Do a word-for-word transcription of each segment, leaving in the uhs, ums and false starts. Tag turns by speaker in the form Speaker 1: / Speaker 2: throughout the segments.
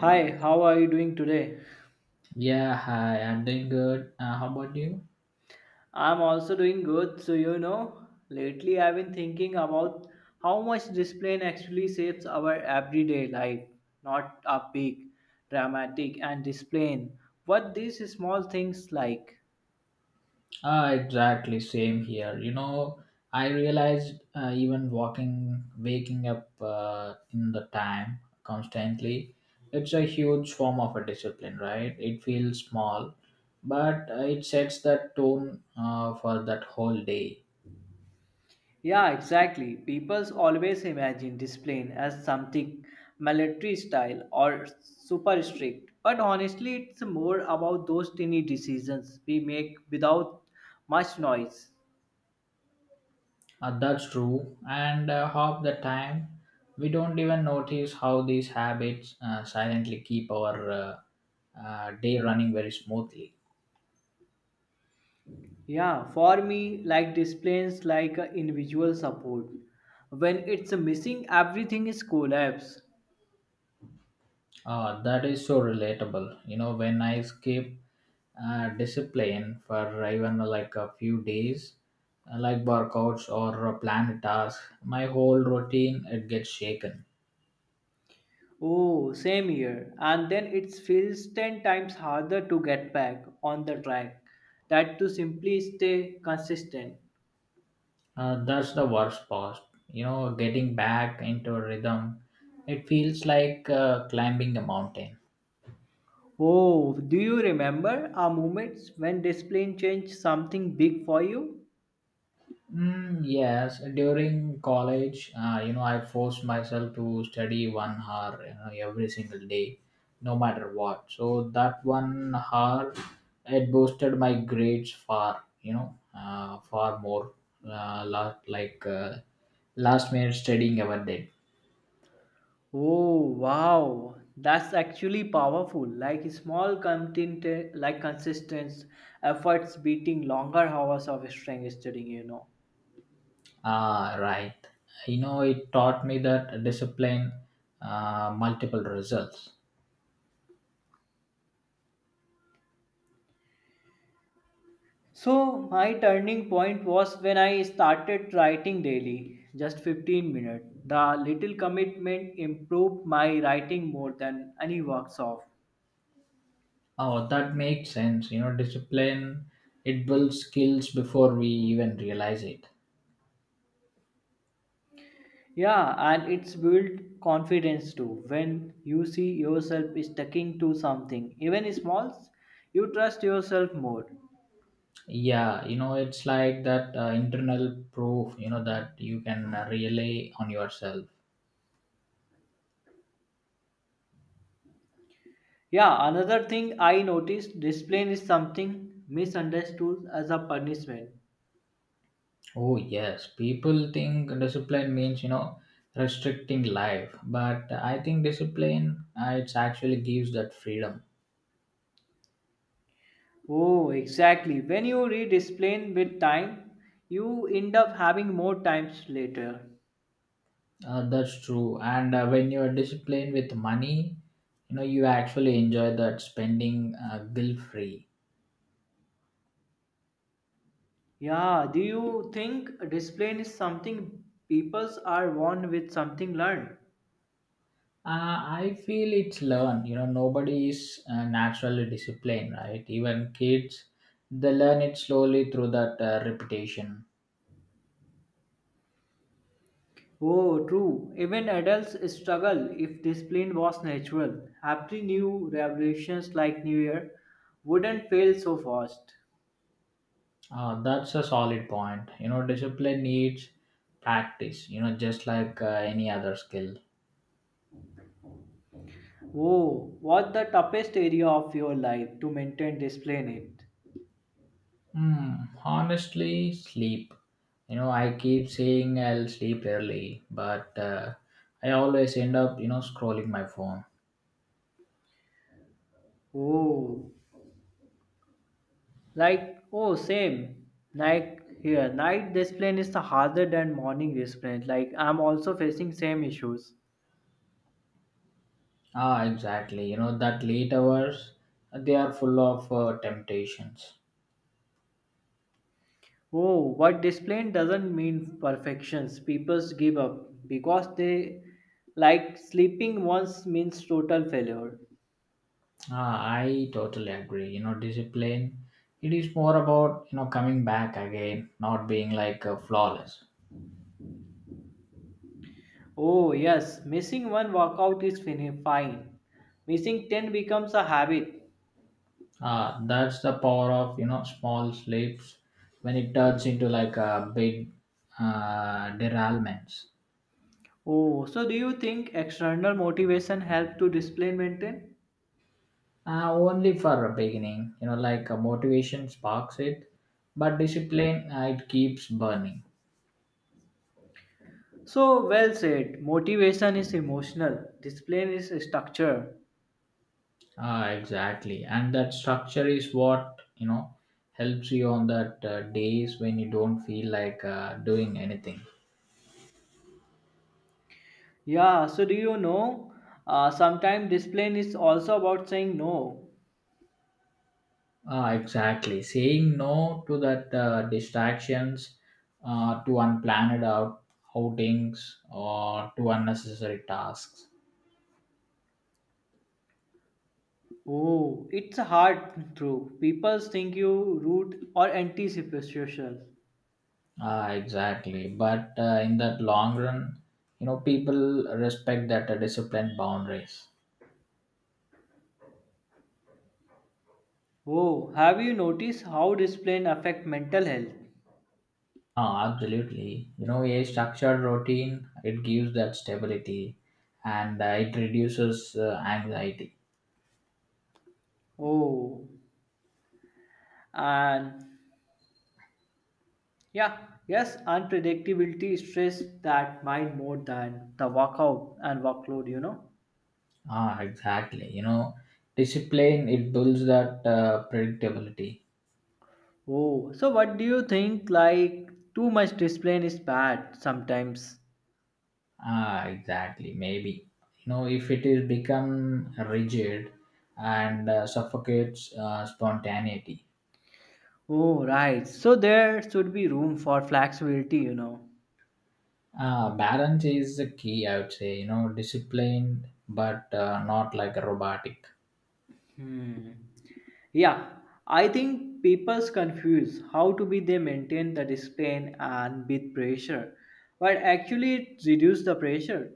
Speaker 1: Hi, how are you doing today?
Speaker 2: Yeah, hi, I'm doing good. Uh, how about you?
Speaker 1: I'm also doing good. So, you know, lately I've been thinking about how much discipline actually shapes our everyday life, not a big, dramatic, and discipline. What these small things like?
Speaker 2: Ah, exactly, same here. You know, I realized uh, even walking, waking up uh, in the time constantly, it's a huge form of a discipline, right? It feels small, but uh, it sets that tone uh, for that whole day.
Speaker 1: Yeah, exactly. People always imagine discipline as something military style or super strict. But honestly, it's more about those tiny decisions we make without much noise.
Speaker 2: Uh, that's true. And uh, half the time, we don't even notice how these habits uh, silently keep our uh, uh, day running very smoothly.
Speaker 1: Yeah, for me, like displays like a individual support. When it's missing, everything is collapse.
Speaker 2: Uh, that is so relatable. You know, when I escape uh, discipline for even like a few days, uh, like workouts or a planned task, my whole routine it gets shaken.
Speaker 1: Oh, same here. And then it feels ten times harder to get back on the track that to simply stay consistent.
Speaker 2: Uh, that's the worst part. You know, getting back into a rhythm, it feels like uh, climbing a mountain.
Speaker 1: Oh, do you remember our moments when discipline changed something big for you?
Speaker 2: Mm, yes, during college, uh, you know, I forced myself to study one hour, you know, every single day, no matter what. So that one hour, it boosted my grades far, you know, uh, far more. Uh, la- like uh, last minute studying ever did.
Speaker 1: Oh wow, that's actually powerful. Like small content, like consistent efforts beating longer hours of strength studying, you know.
Speaker 2: Ah, right. You know, it taught me that discipline, uh, multiple results.
Speaker 1: So my turning point was when I started writing daily, just fifteen minutes. The little commitment improved my writing more than any workshop.
Speaker 2: Oh, that makes sense. You know, discipline, it builds skills before we even realize it.
Speaker 1: Yeah, and it's built confidence too. When you see yourself sticking to something, even small, you trust yourself more.
Speaker 2: Yeah, you know, it's like that uh, internal proof, you know, that you can uh, rely on yourself.
Speaker 1: Yeah, another thing I noticed discipline is something misunderstood as a punishment.
Speaker 2: Oh, yes. People think discipline means, you know, restricting life. But I think discipline, uh, it's actually gives that freedom.
Speaker 1: Oh, exactly. When you rediscipline with time, you end up having more times later.
Speaker 2: Uh, that's true. And uh, when you're disciplined with money, you know, you actually enjoy that spending uh, guilt free.
Speaker 1: Yeah, do you think discipline is something peoples are born with something learned?
Speaker 2: Uh, I feel it's learned. You know, nobody is uh, naturally disciplined, right? Even kids, they learn it slowly through that uh, repetition.
Speaker 1: Oh, true. Even adults struggle if discipline was natural. Happy new revolutions like New Year wouldn't fail so fast.
Speaker 2: Uh, that's a solid point. You know, discipline needs practice. You know, just like uh, any other skill.
Speaker 1: Oh, what's the toughest area of your life to maintain discipline it?
Speaker 2: Hmm. Honestly, sleep. You know, I keep saying I'll sleep early, but uh, I always end up, you know, scrolling my phone.
Speaker 1: Oh, like, oh, same. Like here, night discipline is the harder than morning discipline. Like I'm also facing same issues.
Speaker 2: Ah, exactly. You know, that late hours, they are full of uh, temptations.
Speaker 1: Oh, but discipline doesn't mean perfections. People give up because they like sleeping once means total failure.
Speaker 2: Ah, I totally agree. You know, discipline, it is more about, you know, coming back again, not being like uh, flawless.
Speaker 1: Oh, yes, missing one workout is fini- fine. Missing ten becomes a habit.
Speaker 2: Ah, that's the power of, you know, small slips when it turns into like a big uh, derailments.
Speaker 1: Oh, so do you think external motivation helps to discipline maintain?
Speaker 2: Ah, only for a beginning, you know, like a motivation sparks it, but discipline, uh, it keeps burning.
Speaker 1: So well said. Motivation is emotional. Discipline is structure.
Speaker 2: Ah, exactly. And that structure is what, you know, helps you on that uh, days when you don't feel like uh, doing anything.
Speaker 1: Yeah. So do you know? Uh, sometimes discipline is also about saying no.
Speaker 2: Ah, exactly. Saying no to that uh, distractions, uh, to unplanned out outings or to unnecessary tasks.
Speaker 1: Oh, it's hard through. People think you rude or antisocial.
Speaker 2: Ah, exactly. But uh, in that long run, you know, people respect that uh, disciplined boundaries.
Speaker 1: Oh, have you noticed how discipline affect mental health?
Speaker 2: Oh, absolutely. You know, a structured routine, it gives that stability and uh, it reduces uh, anxiety.
Speaker 1: Oh, and yeah, yes, unpredictability stress that mind more than the workout and workload, you know.
Speaker 2: Ah, exactly. You know, discipline, it builds that uh, predictability.
Speaker 1: Oh, so what do you think like too much discipline is bad sometimes?
Speaker 2: Ah, exactly. Maybe. You know, if it is become rigid and uh, suffocates uh, spontaneity.
Speaker 1: Oh, right. So there should be room for flexibility, you know.
Speaker 2: Uh, balance is the key, I would say. You know, disciplined, but uh, not like a robotic.
Speaker 1: Hmm. Yeah, I think people's confuse how to be they maintain the discipline and with pressure, but actually it reduce the pressure.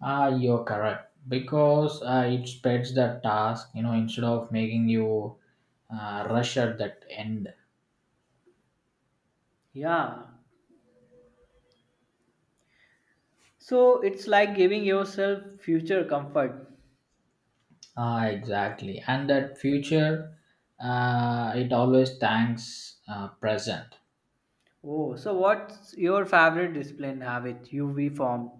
Speaker 2: Ah, you're correct because uh, it spreads the task, you know, instead of making you uh, rush at that end.
Speaker 1: Yeah, so it's like giving yourself future comfort.
Speaker 2: Ah, exactly. And that future, uh, it always thanks uh, present.
Speaker 1: Oh, so what's your favorite discipline habit you've formed?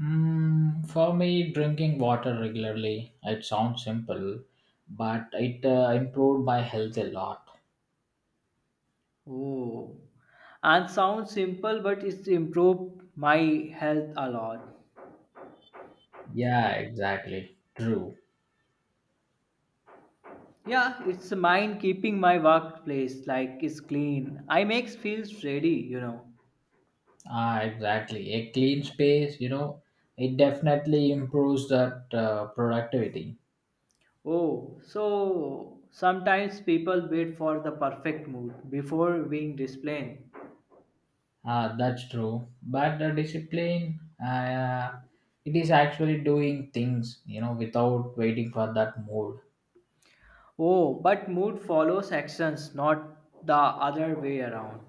Speaker 2: Mm, for me, drinking water regularly, it sounds simple, but it uh, improved my health a lot.
Speaker 1: Oh, and sounds simple, but it's improved my health a lot.
Speaker 2: Yeah, exactly. True.
Speaker 1: Yeah, it's mine keeping my workplace like is clean. I makes feels ready, you know.
Speaker 2: Ah, exactly. A clean space, you know, it definitely improves that uh, productivity.
Speaker 1: Oh, so sometimes people wait for the perfect mood before being disciplined.
Speaker 2: Ah, that's true. But the discipline, uh, it is actually doing things, you know, without waiting for that mood.
Speaker 1: Oh, but mood follows actions, not the other way around.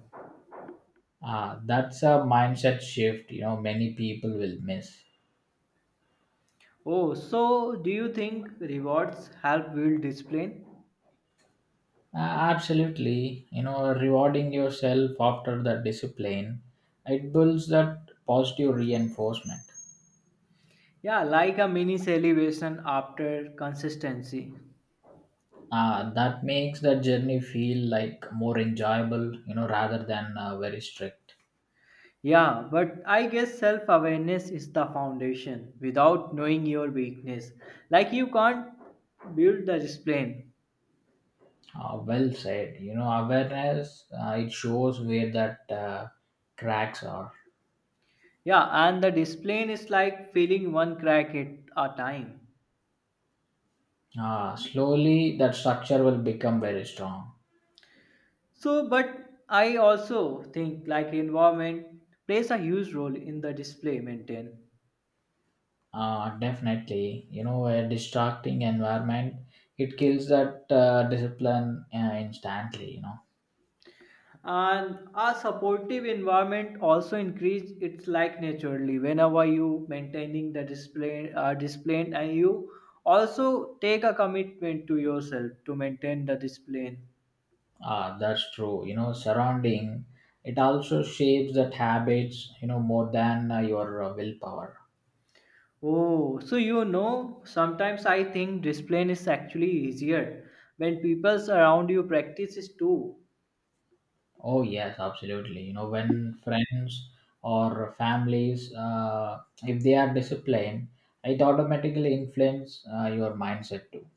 Speaker 2: Ah, that's a mindset shift, you know, many people will miss.
Speaker 1: Oh, so do you think rewards help build discipline?
Speaker 2: Ah, absolutely. You know, rewarding yourself after the discipline, it builds that positive reinforcement.
Speaker 1: Yeah, like a mini celebration after consistency.
Speaker 2: Uh, that makes that journey feel like more enjoyable you know rather than uh, very strict.
Speaker 1: Yeah, but I guess self awareness is the foundation without knowing your weakness. Like you can't build the discipline.
Speaker 2: Uh, well said. You know awareness, uh, it shows where that uh, cracks are.
Speaker 1: Yeah, and the discipline is like filling one crack at a time.
Speaker 2: Uh, slowly that structure will become very strong.
Speaker 1: So, but I also think like environment plays a huge role in the display maintain.
Speaker 2: Uh, definitely. You know a distracting environment, it kills that uh, discipline, uh, instantly you know
Speaker 1: And a supportive environment also increase its like naturally whenever you maintaining the display uh, display and you also take a commitment to yourself to maintain the display.
Speaker 2: uh, That's true. You know surrounding, it also shapes that habits, you know more than uh, your uh, willpower.
Speaker 1: Oh, so you know sometimes I think display is actually easier when people around you practices too.
Speaker 2: Oh yes, absolutely. You know, when friends or families, uh, if they are disciplined, it automatically influences uh, your mindset too.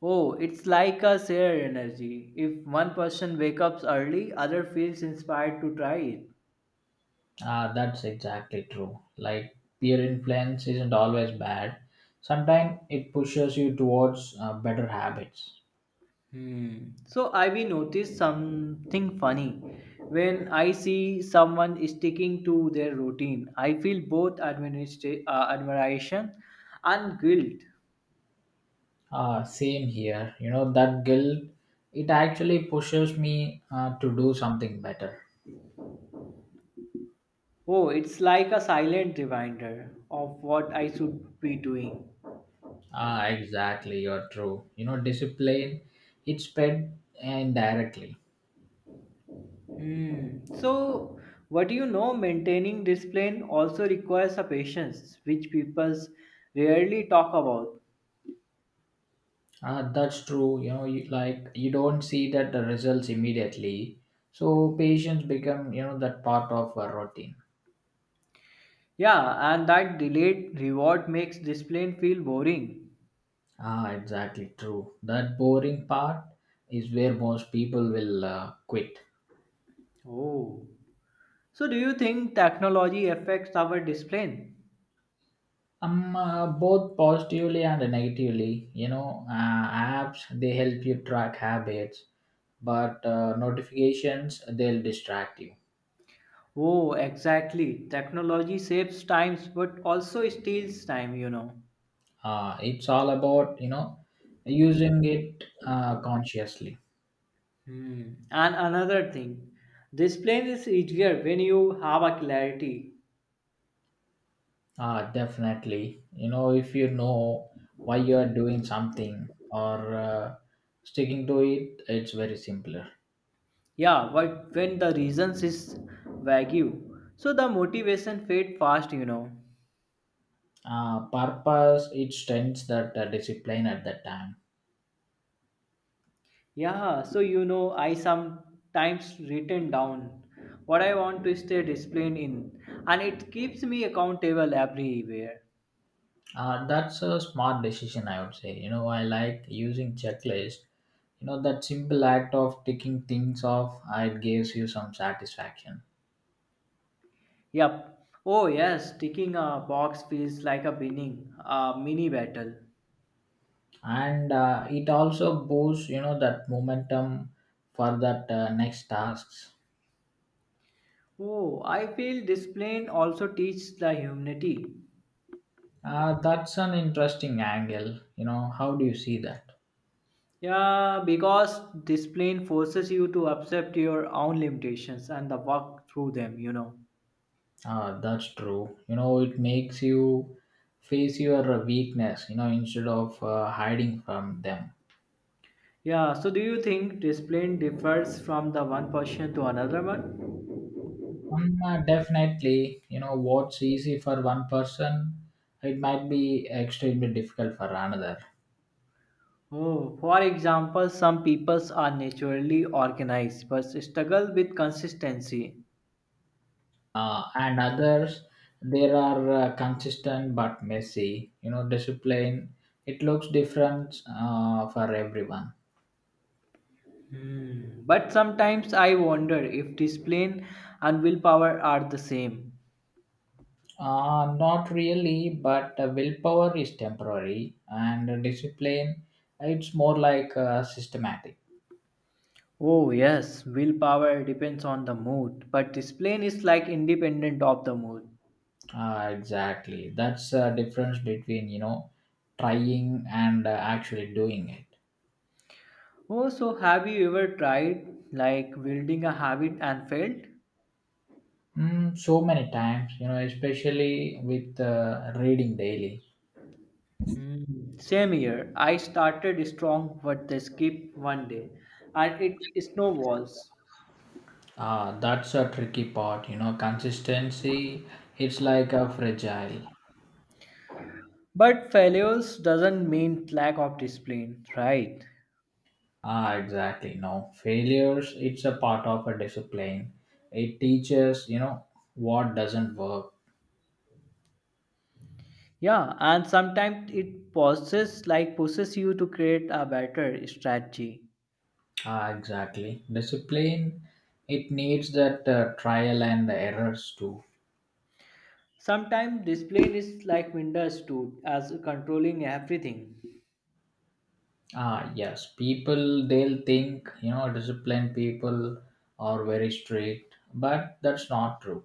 Speaker 1: Oh, it's like a shared energy. If one person wakes up early, other feels inspired to try it.
Speaker 2: Uh, that's exactly true. Like peer influence isn't always bad. Sometimes it pushes you towards uh, better habits.
Speaker 1: Hmm. So I will notice something funny. When I see someone sticking to their routine, I feel both administra- uh, admiration and guilt.
Speaker 2: Uh, same here. You know, that guilt, it actually pushes me uh, to do something better.
Speaker 1: Oh, it's like a silent reminder of what I should be doing.
Speaker 2: Ah, exactly. You're true. You know, discipline, it's fed indirectly.
Speaker 1: Hmm. So, what do you know? Maintaining discipline also requires a patience, which people rarely talk about.
Speaker 2: Uh, that's true. You know, you, like you don't see that the results immediately, so patients become you know that part of a routine.
Speaker 1: Yeah, and that delayed reward makes discipline feel boring.
Speaker 2: Ah, exactly true. That boring part is where most people will uh, quit.
Speaker 1: Oh. So, do you think technology affects our discipline?
Speaker 2: Um, uh, both positively and negatively. You know, uh, apps they help you track habits, but uh, notifications they'll distract you.
Speaker 1: Oh, exactly. Technology saves times, but also steals time. You know.
Speaker 2: Uh, it's all about you know using it uh, consciously.
Speaker 1: Hmm. And another thing, discipline is easier when you have a clarity.
Speaker 2: Ah, definitely. You know, if you know why you are doing something or uh, sticking to it, it's very simpler.
Speaker 1: Yeah, but when the reasons is vague, so the motivation fade fast, you know.
Speaker 2: Uh, purpose, it strengthens that uh, discipline at that time.
Speaker 1: Yeah, so you know, I sometimes written down what I want to stay disciplined in, and it keeps me accountable everywhere.
Speaker 2: Uh, that's a smart decision, I would say. You know, I like using checklist. You know, that simple act of ticking things off, uh, it gives you some satisfaction.
Speaker 1: Yep. Oh yes, ticking a box feels like a winning, a mini battle.
Speaker 2: And uh, it also boosts, you know, that momentum for that uh, next tasks.
Speaker 1: Oh, I feel discipline also teaches the humanity.
Speaker 2: Uh, that's an interesting angle. You know, how do you see that?
Speaker 1: Yeah, because discipline forces you to accept your own limitations and the work through them, you know.
Speaker 2: Uh, that's true. You know, it makes you face your weakness, you know, instead of uh, hiding from them.
Speaker 1: Yeah, so do you think discipline differs from the one person to another one?
Speaker 2: Um, uh, definitely, you know, what's easy for one person, it might be extremely difficult for another.
Speaker 1: Oh, for example, some peoples are naturally organized but struggle with consistency.
Speaker 2: Uh, and others, there are uh, consistent but messy. You know, discipline, it looks different uh, for everyone.
Speaker 1: Hmm. But sometimes I wonder if discipline and willpower are the same.
Speaker 2: Uh, not really, but uh, willpower is temporary, and uh, discipline, it's more like uh, systematic.
Speaker 1: Oh, yes, willpower depends on the mood, but discipline is like independent of the mood.
Speaker 2: Uh, exactly, that's the difference between you know trying and uh, actually doing it.
Speaker 1: Oh, so have you ever tried like building a habit and failed?
Speaker 2: Mm, so many times, you know, especially with uh, reading daily.
Speaker 1: Hmm. Same here. I started strong with the skip one day and it snowballs.
Speaker 2: Ah, that's a tricky part, you know. Consistency, it's like a fragile.
Speaker 1: But failures doesn't mean lack of discipline, right?
Speaker 2: Ah, exactly. No failures. It's a part of a discipline. It teaches, you know, what doesn't work.
Speaker 1: Yeah, and sometimes it pushes like pushes you to create a better strategy.
Speaker 2: Ah, exactly. Discipline. It needs that uh, trial and errors too.
Speaker 1: Sometimes discipline is like misunderstood as controlling everything.
Speaker 2: Ah, yes. People they'll think, you know, disciplined people are very strict, but that's not true.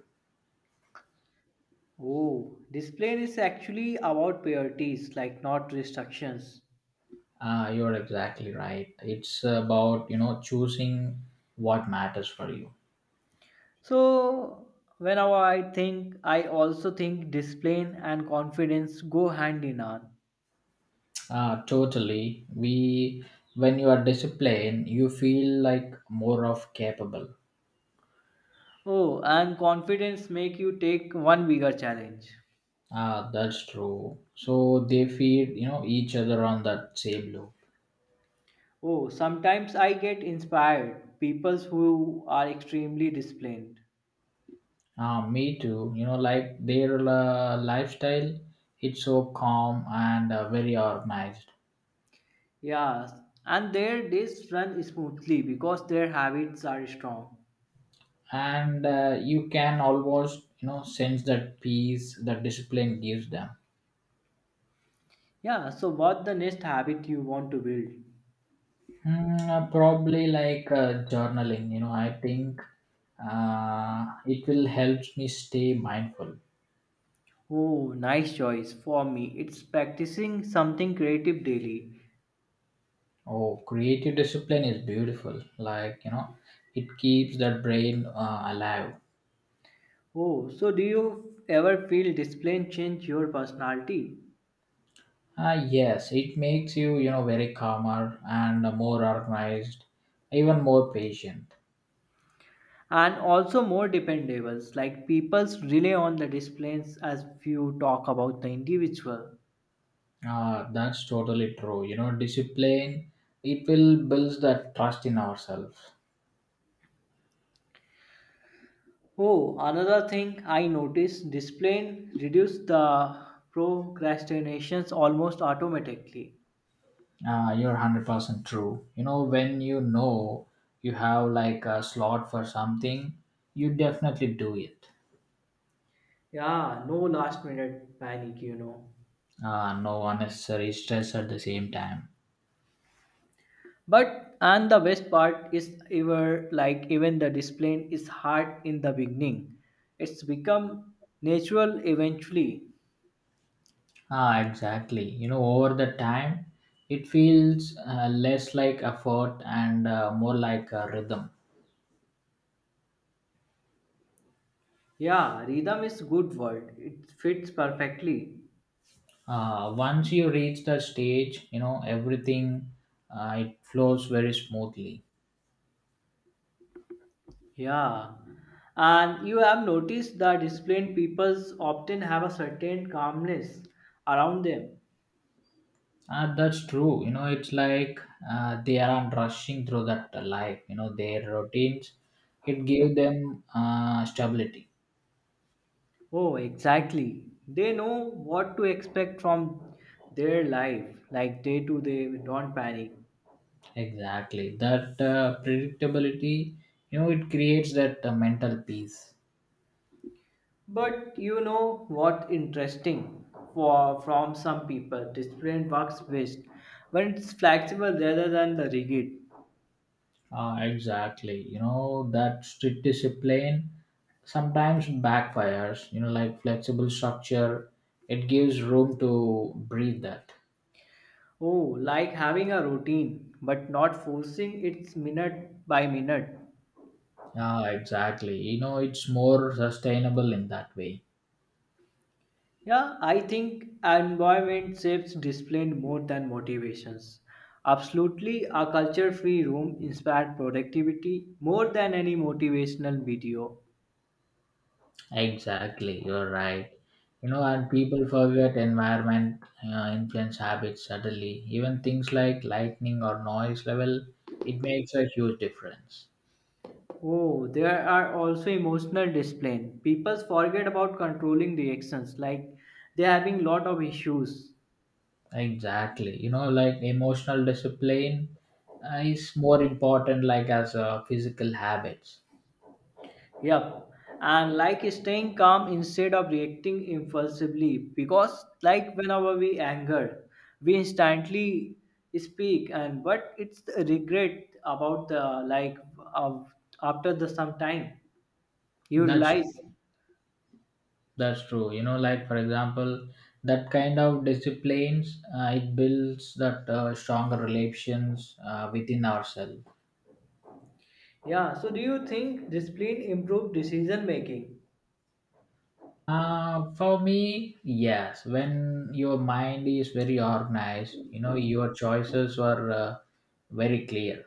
Speaker 1: Oh, this plan is actually about priorities, like not restrictions.
Speaker 2: Ah, you're exactly right. It's about, you know, choosing what matters for you.
Speaker 1: So, whenever I think, I also think discipline and confidence go hand in hand.
Speaker 2: Ah, totally. We, when you are disciplined, you feel like more of capable.
Speaker 1: Oh, and confidence make you take one bigger challenge.
Speaker 2: Ah, that's true. So they feed you know each other on that same loop.
Speaker 1: Oh, sometimes I get inspired people who are extremely disciplined.
Speaker 2: Ah, me too. You know, like their uh, lifestyle, it's so calm and uh, very organized,
Speaker 1: Yeah, and their days run smoothly because their habits are strong.
Speaker 2: and uh, you can almost you know sense that peace that discipline gives them.
Speaker 1: Yeah, so what the next habit you want to build?
Speaker 2: Mm, uh, probably like uh, journaling, you know, I think uh, it will help me stay mindful.
Speaker 1: Oh, nice choice. For me, it's practicing something creative daily.
Speaker 2: Oh, creative discipline is beautiful. Like, you know, it keeps the brain uh, alive.
Speaker 1: Oh, so do you ever feel discipline change your personality?
Speaker 2: Uh, yes, it makes you, you know, very calmer and more organized, even more patient.
Speaker 1: And also more dependables, like people's rely on the disciplines as few talk about the individual.
Speaker 2: Uh, that's totally true. You know, discipline, it will builds that trust in ourselves.
Speaker 1: Oh, another thing I noticed, discipline reduce the procrastinations almost automatically.
Speaker 2: Uh, you're one hundred percent true. You know, when you know you have like a slot for something, you definitely do it.
Speaker 1: Yeah, no last minute panic, you know.
Speaker 2: Uh, no unnecessary stress at the same time.
Speaker 1: But and the best part is ever like even the discipline is hard in the beginning. It's become natural eventually.
Speaker 2: Ah, exactly. You know, over the time, it feels uh, less like effort and uh, more like a rhythm.
Speaker 1: Yeah, rhythm is good word. It fits perfectly.
Speaker 2: Uh, once you reach the stage, you know, everything uh, it flows very smoothly.
Speaker 1: Yeah. And you have noticed that disciplined peoples often have a certain calmness around them.
Speaker 2: Uh, that's true. You know, it's like uh, they aren't rushing through that life. You know, their routines, it gave them uh, stability.
Speaker 1: Oh, exactly. They know what to expect from their life, like day to day, don't panic.
Speaker 2: Exactly. That uh, predictability, you know, it creates that uh, mental peace.
Speaker 1: But you know what interesting for from some people, discipline works best when it's flexible rather than the rigid.
Speaker 2: Uh, exactly. You know, that strict discipline sometimes backfires. You know, like flexible structure, it gives room to breathe that.
Speaker 1: Oh, like having a routine but not forcing it minute by minute.
Speaker 2: Yeah, exactly. You know, it's more sustainable in that way.
Speaker 1: Yeah, I think environment shapes discipline more than motivations. Absolutely, a culture-free room inspired productivity more than any motivational video.
Speaker 2: Exactly, you're right. You know, and people forget environment uh, influence habits subtly. Even things like lightning or noise level, it makes a huge difference.
Speaker 1: Oh, there are also emotional discipline. People forget about controlling reactions, like they're having lot of issues.
Speaker 2: Exactly. You know, like emotional discipline uh, is more important, like as a physical habits.
Speaker 1: Yep. And like staying calm instead of reacting impulsively. Because like whenever we anger, we instantly speak and but it's the regret about the like of after the some time you
Speaker 2: That's
Speaker 1: realize.
Speaker 2: that's true. You know, like for example, that kind of disciplines uh, it builds that uh, stronger relations uh, within ourselves.
Speaker 1: Yeah. So do you think discipline improve decision making?
Speaker 2: Uh, for me, yes. When your mind is very organized, you know, your choices are uh, very clear.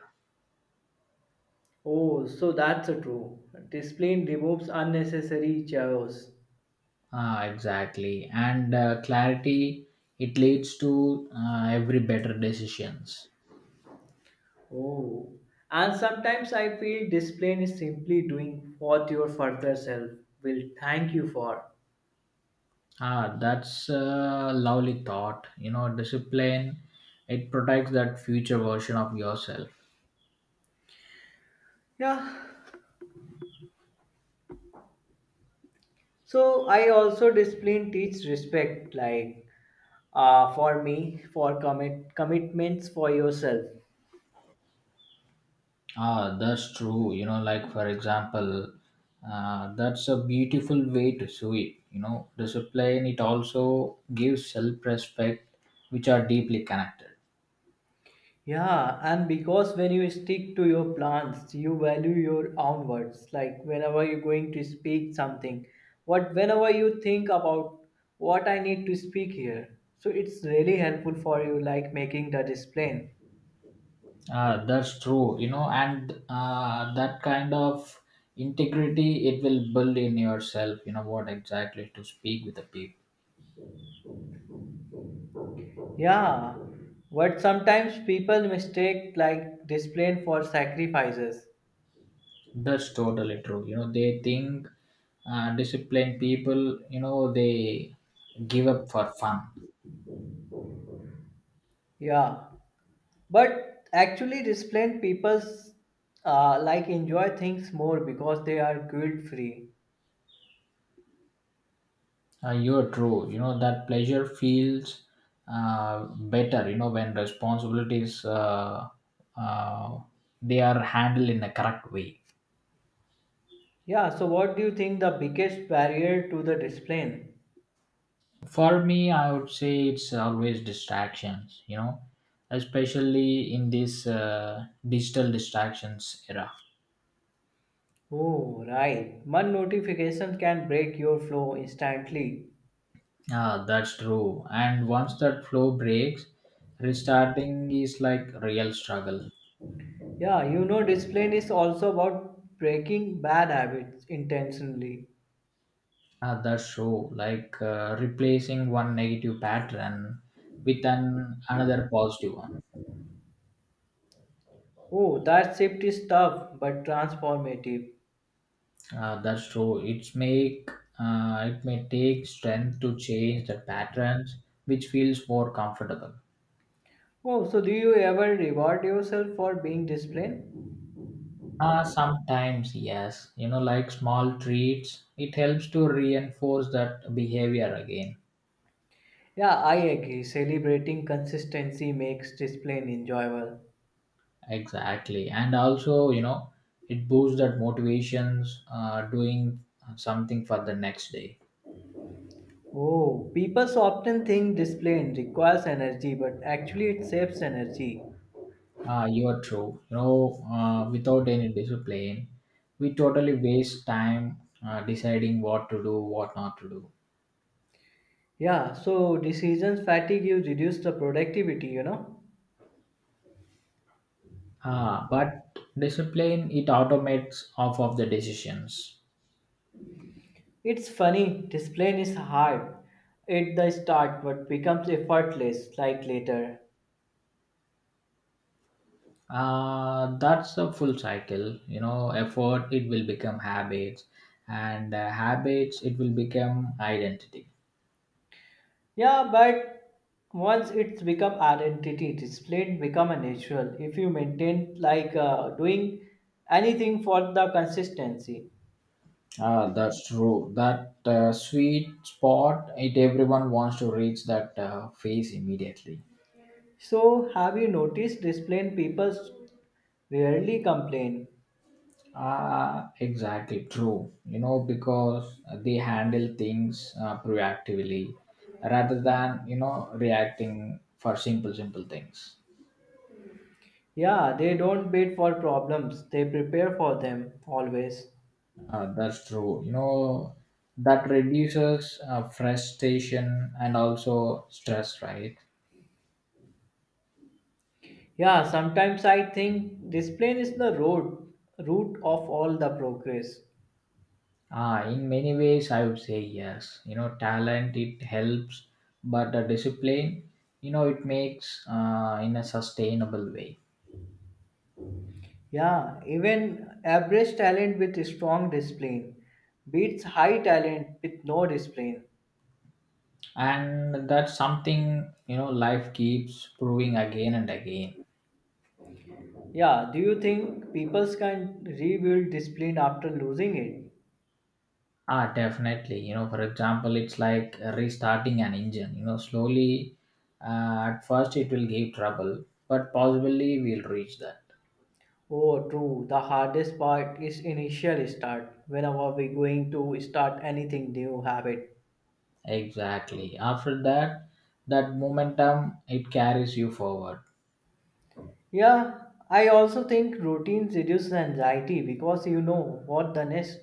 Speaker 1: Oh, so that's a true. Discipline removes unnecessary chaos.
Speaker 2: Ah, exactly. And uh, clarity, it leads to uh, every better decisions.
Speaker 1: Oh, and sometimes I feel discipline is simply doing what your further self will thank you for.
Speaker 2: Ah, that's a lovely thought. You know, discipline, it protects that future version of yourself.
Speaker 1: Yeah. So I also discipline teach respect, like uh, for me, for commit commitments for yourself.
Speaker 2: Ah, that's true. You know, like for example, uh, that's a beautiful way to see it. You know, discipline, it also gives self respect, which are deeply connected.
Speaker 1: Yeah, and because when you stick to your plans, you value your own words. Like whenever you're going to speak something, what whenever you think about what I need to speak here, so it's really helpful for you, like making the discipline.
Speaker 2: Ah, that's true. You know, and uh, that kind of integrity, it will build in yourself, you know, what exactly to speak with the people.
Speaker 1: Yeah, but sometimes people mistake like discipline for sacrifices.
Speaker 2: That's totally true. You know, they think uh, disciplined people, you know, they give up for fun.
Speaker 1: Yeah, but actually disciplined people uh, like enjoy things more because they are guilt free.
Speaker 2: Uh, you're true. You know that pleasure feels uh, better. You know when responsibilities uh, uh, they are handled in a correct way.
Speaker 1: Yeah, so what do you think the biggest barrier to the discipline?
Speaker 2: For me, I would say it's always distractions. You know, especially in this uh, digital distractions era.
Speaker 1: Oh, right. One notification can break your flow instantly.
Speaker 2: Ah, that's true. And once that flow breaks, restarting is like real struggle.
Speaker 1: Yeah, you know, discipline is also about breaking bad habits intentionally.
Speaker 2: At that show, like uh, replacing one negative pattern with an another positive one.
Speaker 1: Oh, that shift is tough but transformative.
Speaker 2: Uh, that's true. It's make uh, it may take strength to change the patterns, which feels more comfortable.
Speaker 1: Oh, so do you ever reward yourself for being disciplined?
Speaker 2: Uh, sometimes yes, you know, like small treats, it helps to reinforce that behavior again.
Speaker 1: Yeah, I agree. Celebrating consistency makes discipline enjoyable.
Speaker 2: Exactly, and also you know, it boosts that motivations uh, doing something for the next day.
Speaker 1: Oh, people so often think this plane requires energy, but actually it saves energy.
Speaker 2: Uh, you are true. You know, uh, without any discipline, we totally waste time uh, deciding what to do, what not to do.
Speaker 1: Yeah, so decisions fatigue you reduce the productivity, you know.
Speaker 2: Ah, but discipline, it automates off of the decisions.
Speaker 1: It's funny, this plane is hard at the start but becomes effortless like later.
Speaker 2: Uh, that's the full cycle. You know, effort, it will become habits, and uh, habits, it will become identity.
Speaker 1: Yeah, but once it's become identity, this plane become a natural if you maintain like uh, doing anything for the consistency.
Speaker 2: Ah, that's true. That uh, sweet spot, it everyone wants to reach that uh, phase immediately.
Speaker 1: So, have you noticed disciplined people rarely complain?
Speaker 2: Ah, exactly true. You know, because they handle things uh, proactively rather than you know reacting for simple simple things.
Speaker 1: Yeah, they don't wait for problems, they prepare for them always.
Speaker 2: Uh, that's true. You know, that reduces uh, frustration and also stress, right?
Speaker 1: Yeah, sometimes I think discipline is the road root of all the progress.
Speaker 2: Ah, in many ways, I would say yes. You know, talent it helps, but the discipline, you know, it makes uh, in a sustainable way.
Speaker 1: Yeah, even average talent with strong discipline beats high talent with no discipline.
Speaker 2: And that's something you know life keeps proving again and again.
Speaker 1: Yeah, do you think people can rebuild discipline after losing it?
Speaker 2: Ah, definitely. You know for example, it's like restarting an engine, you know slowly. Uh, at first it will give trouble, but possibly we'll reach that.
Speaker 1: Oh, true. The hardest part is initial start. Whenever we're going to start anything new habit.
Speaker 2: Exactly, after that, that momentum it carries you forward.
Speaker 1: Yeah, I also think routines reduce anxiety because you know what the next.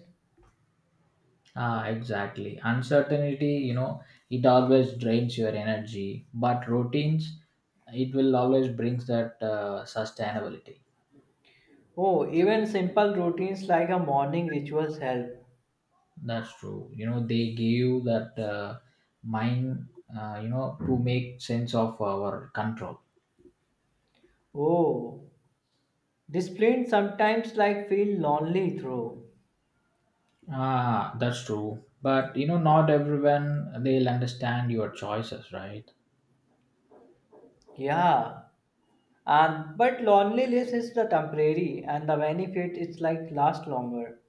Speaker 2: Ah, exactly, uncertainty, you know it always drains your energy, but routines it will always brings that uh, sustainability.
Speaker 1: Oh, even simple routines like a morning rituals help.
Speaker 2: That's true. You know, they gave that uh, mind, uh, you know, to make sense of our control.
Speaker 1: Oh, discipline sometimes like feel lonely through.
Speaker 2: Ah, that's true. But, you know, not everyone, they'll understand your choices, right?
Speaker 1: Yeah, and but loneliness is the temporary and the benefit is like last longer.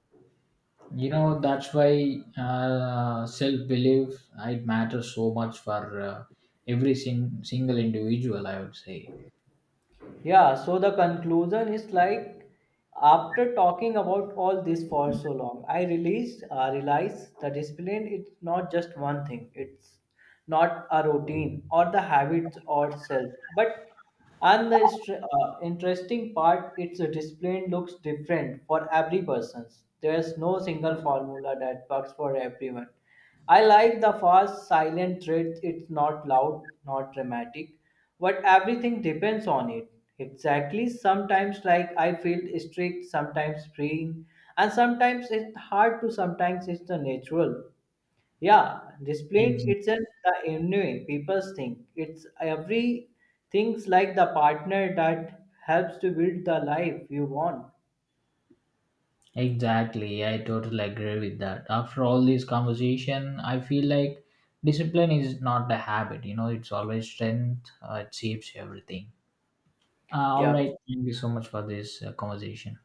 Speaker 2: You know, that's why uh, self belief, it matters so much for uh, every sing- single individual, I would say.
Speaker 1: Yeah, so the conclusion is like after talking about all this for so long, I released uh, realized the discipline it's not just one thing. It's not a routine or the habits or self, but and the str- uh, interesting part, it's a discipline looks different for every person. There's no single formula that works for everyone. I like the fast, silent thread. It's not loud, not dramatic but everything depends on it exactly sometimes like I feel strict sometimes freeing and sometimes it's hard to sometimes it's the natural yeah discipline
Speaker 2: Exactly.
Speaker 1: it's an the anyway people think it's every things like the partner that helps to build the life you want
Speaker 2: Exactly, I totally agree with that. After all this conversation, I feel like discipline is not a habit, you know, it's always strength, uh, it shapes everything. Uh, all
Speaker 1: yeah
Speaker 2: right, thank you so much for this uh, conversation.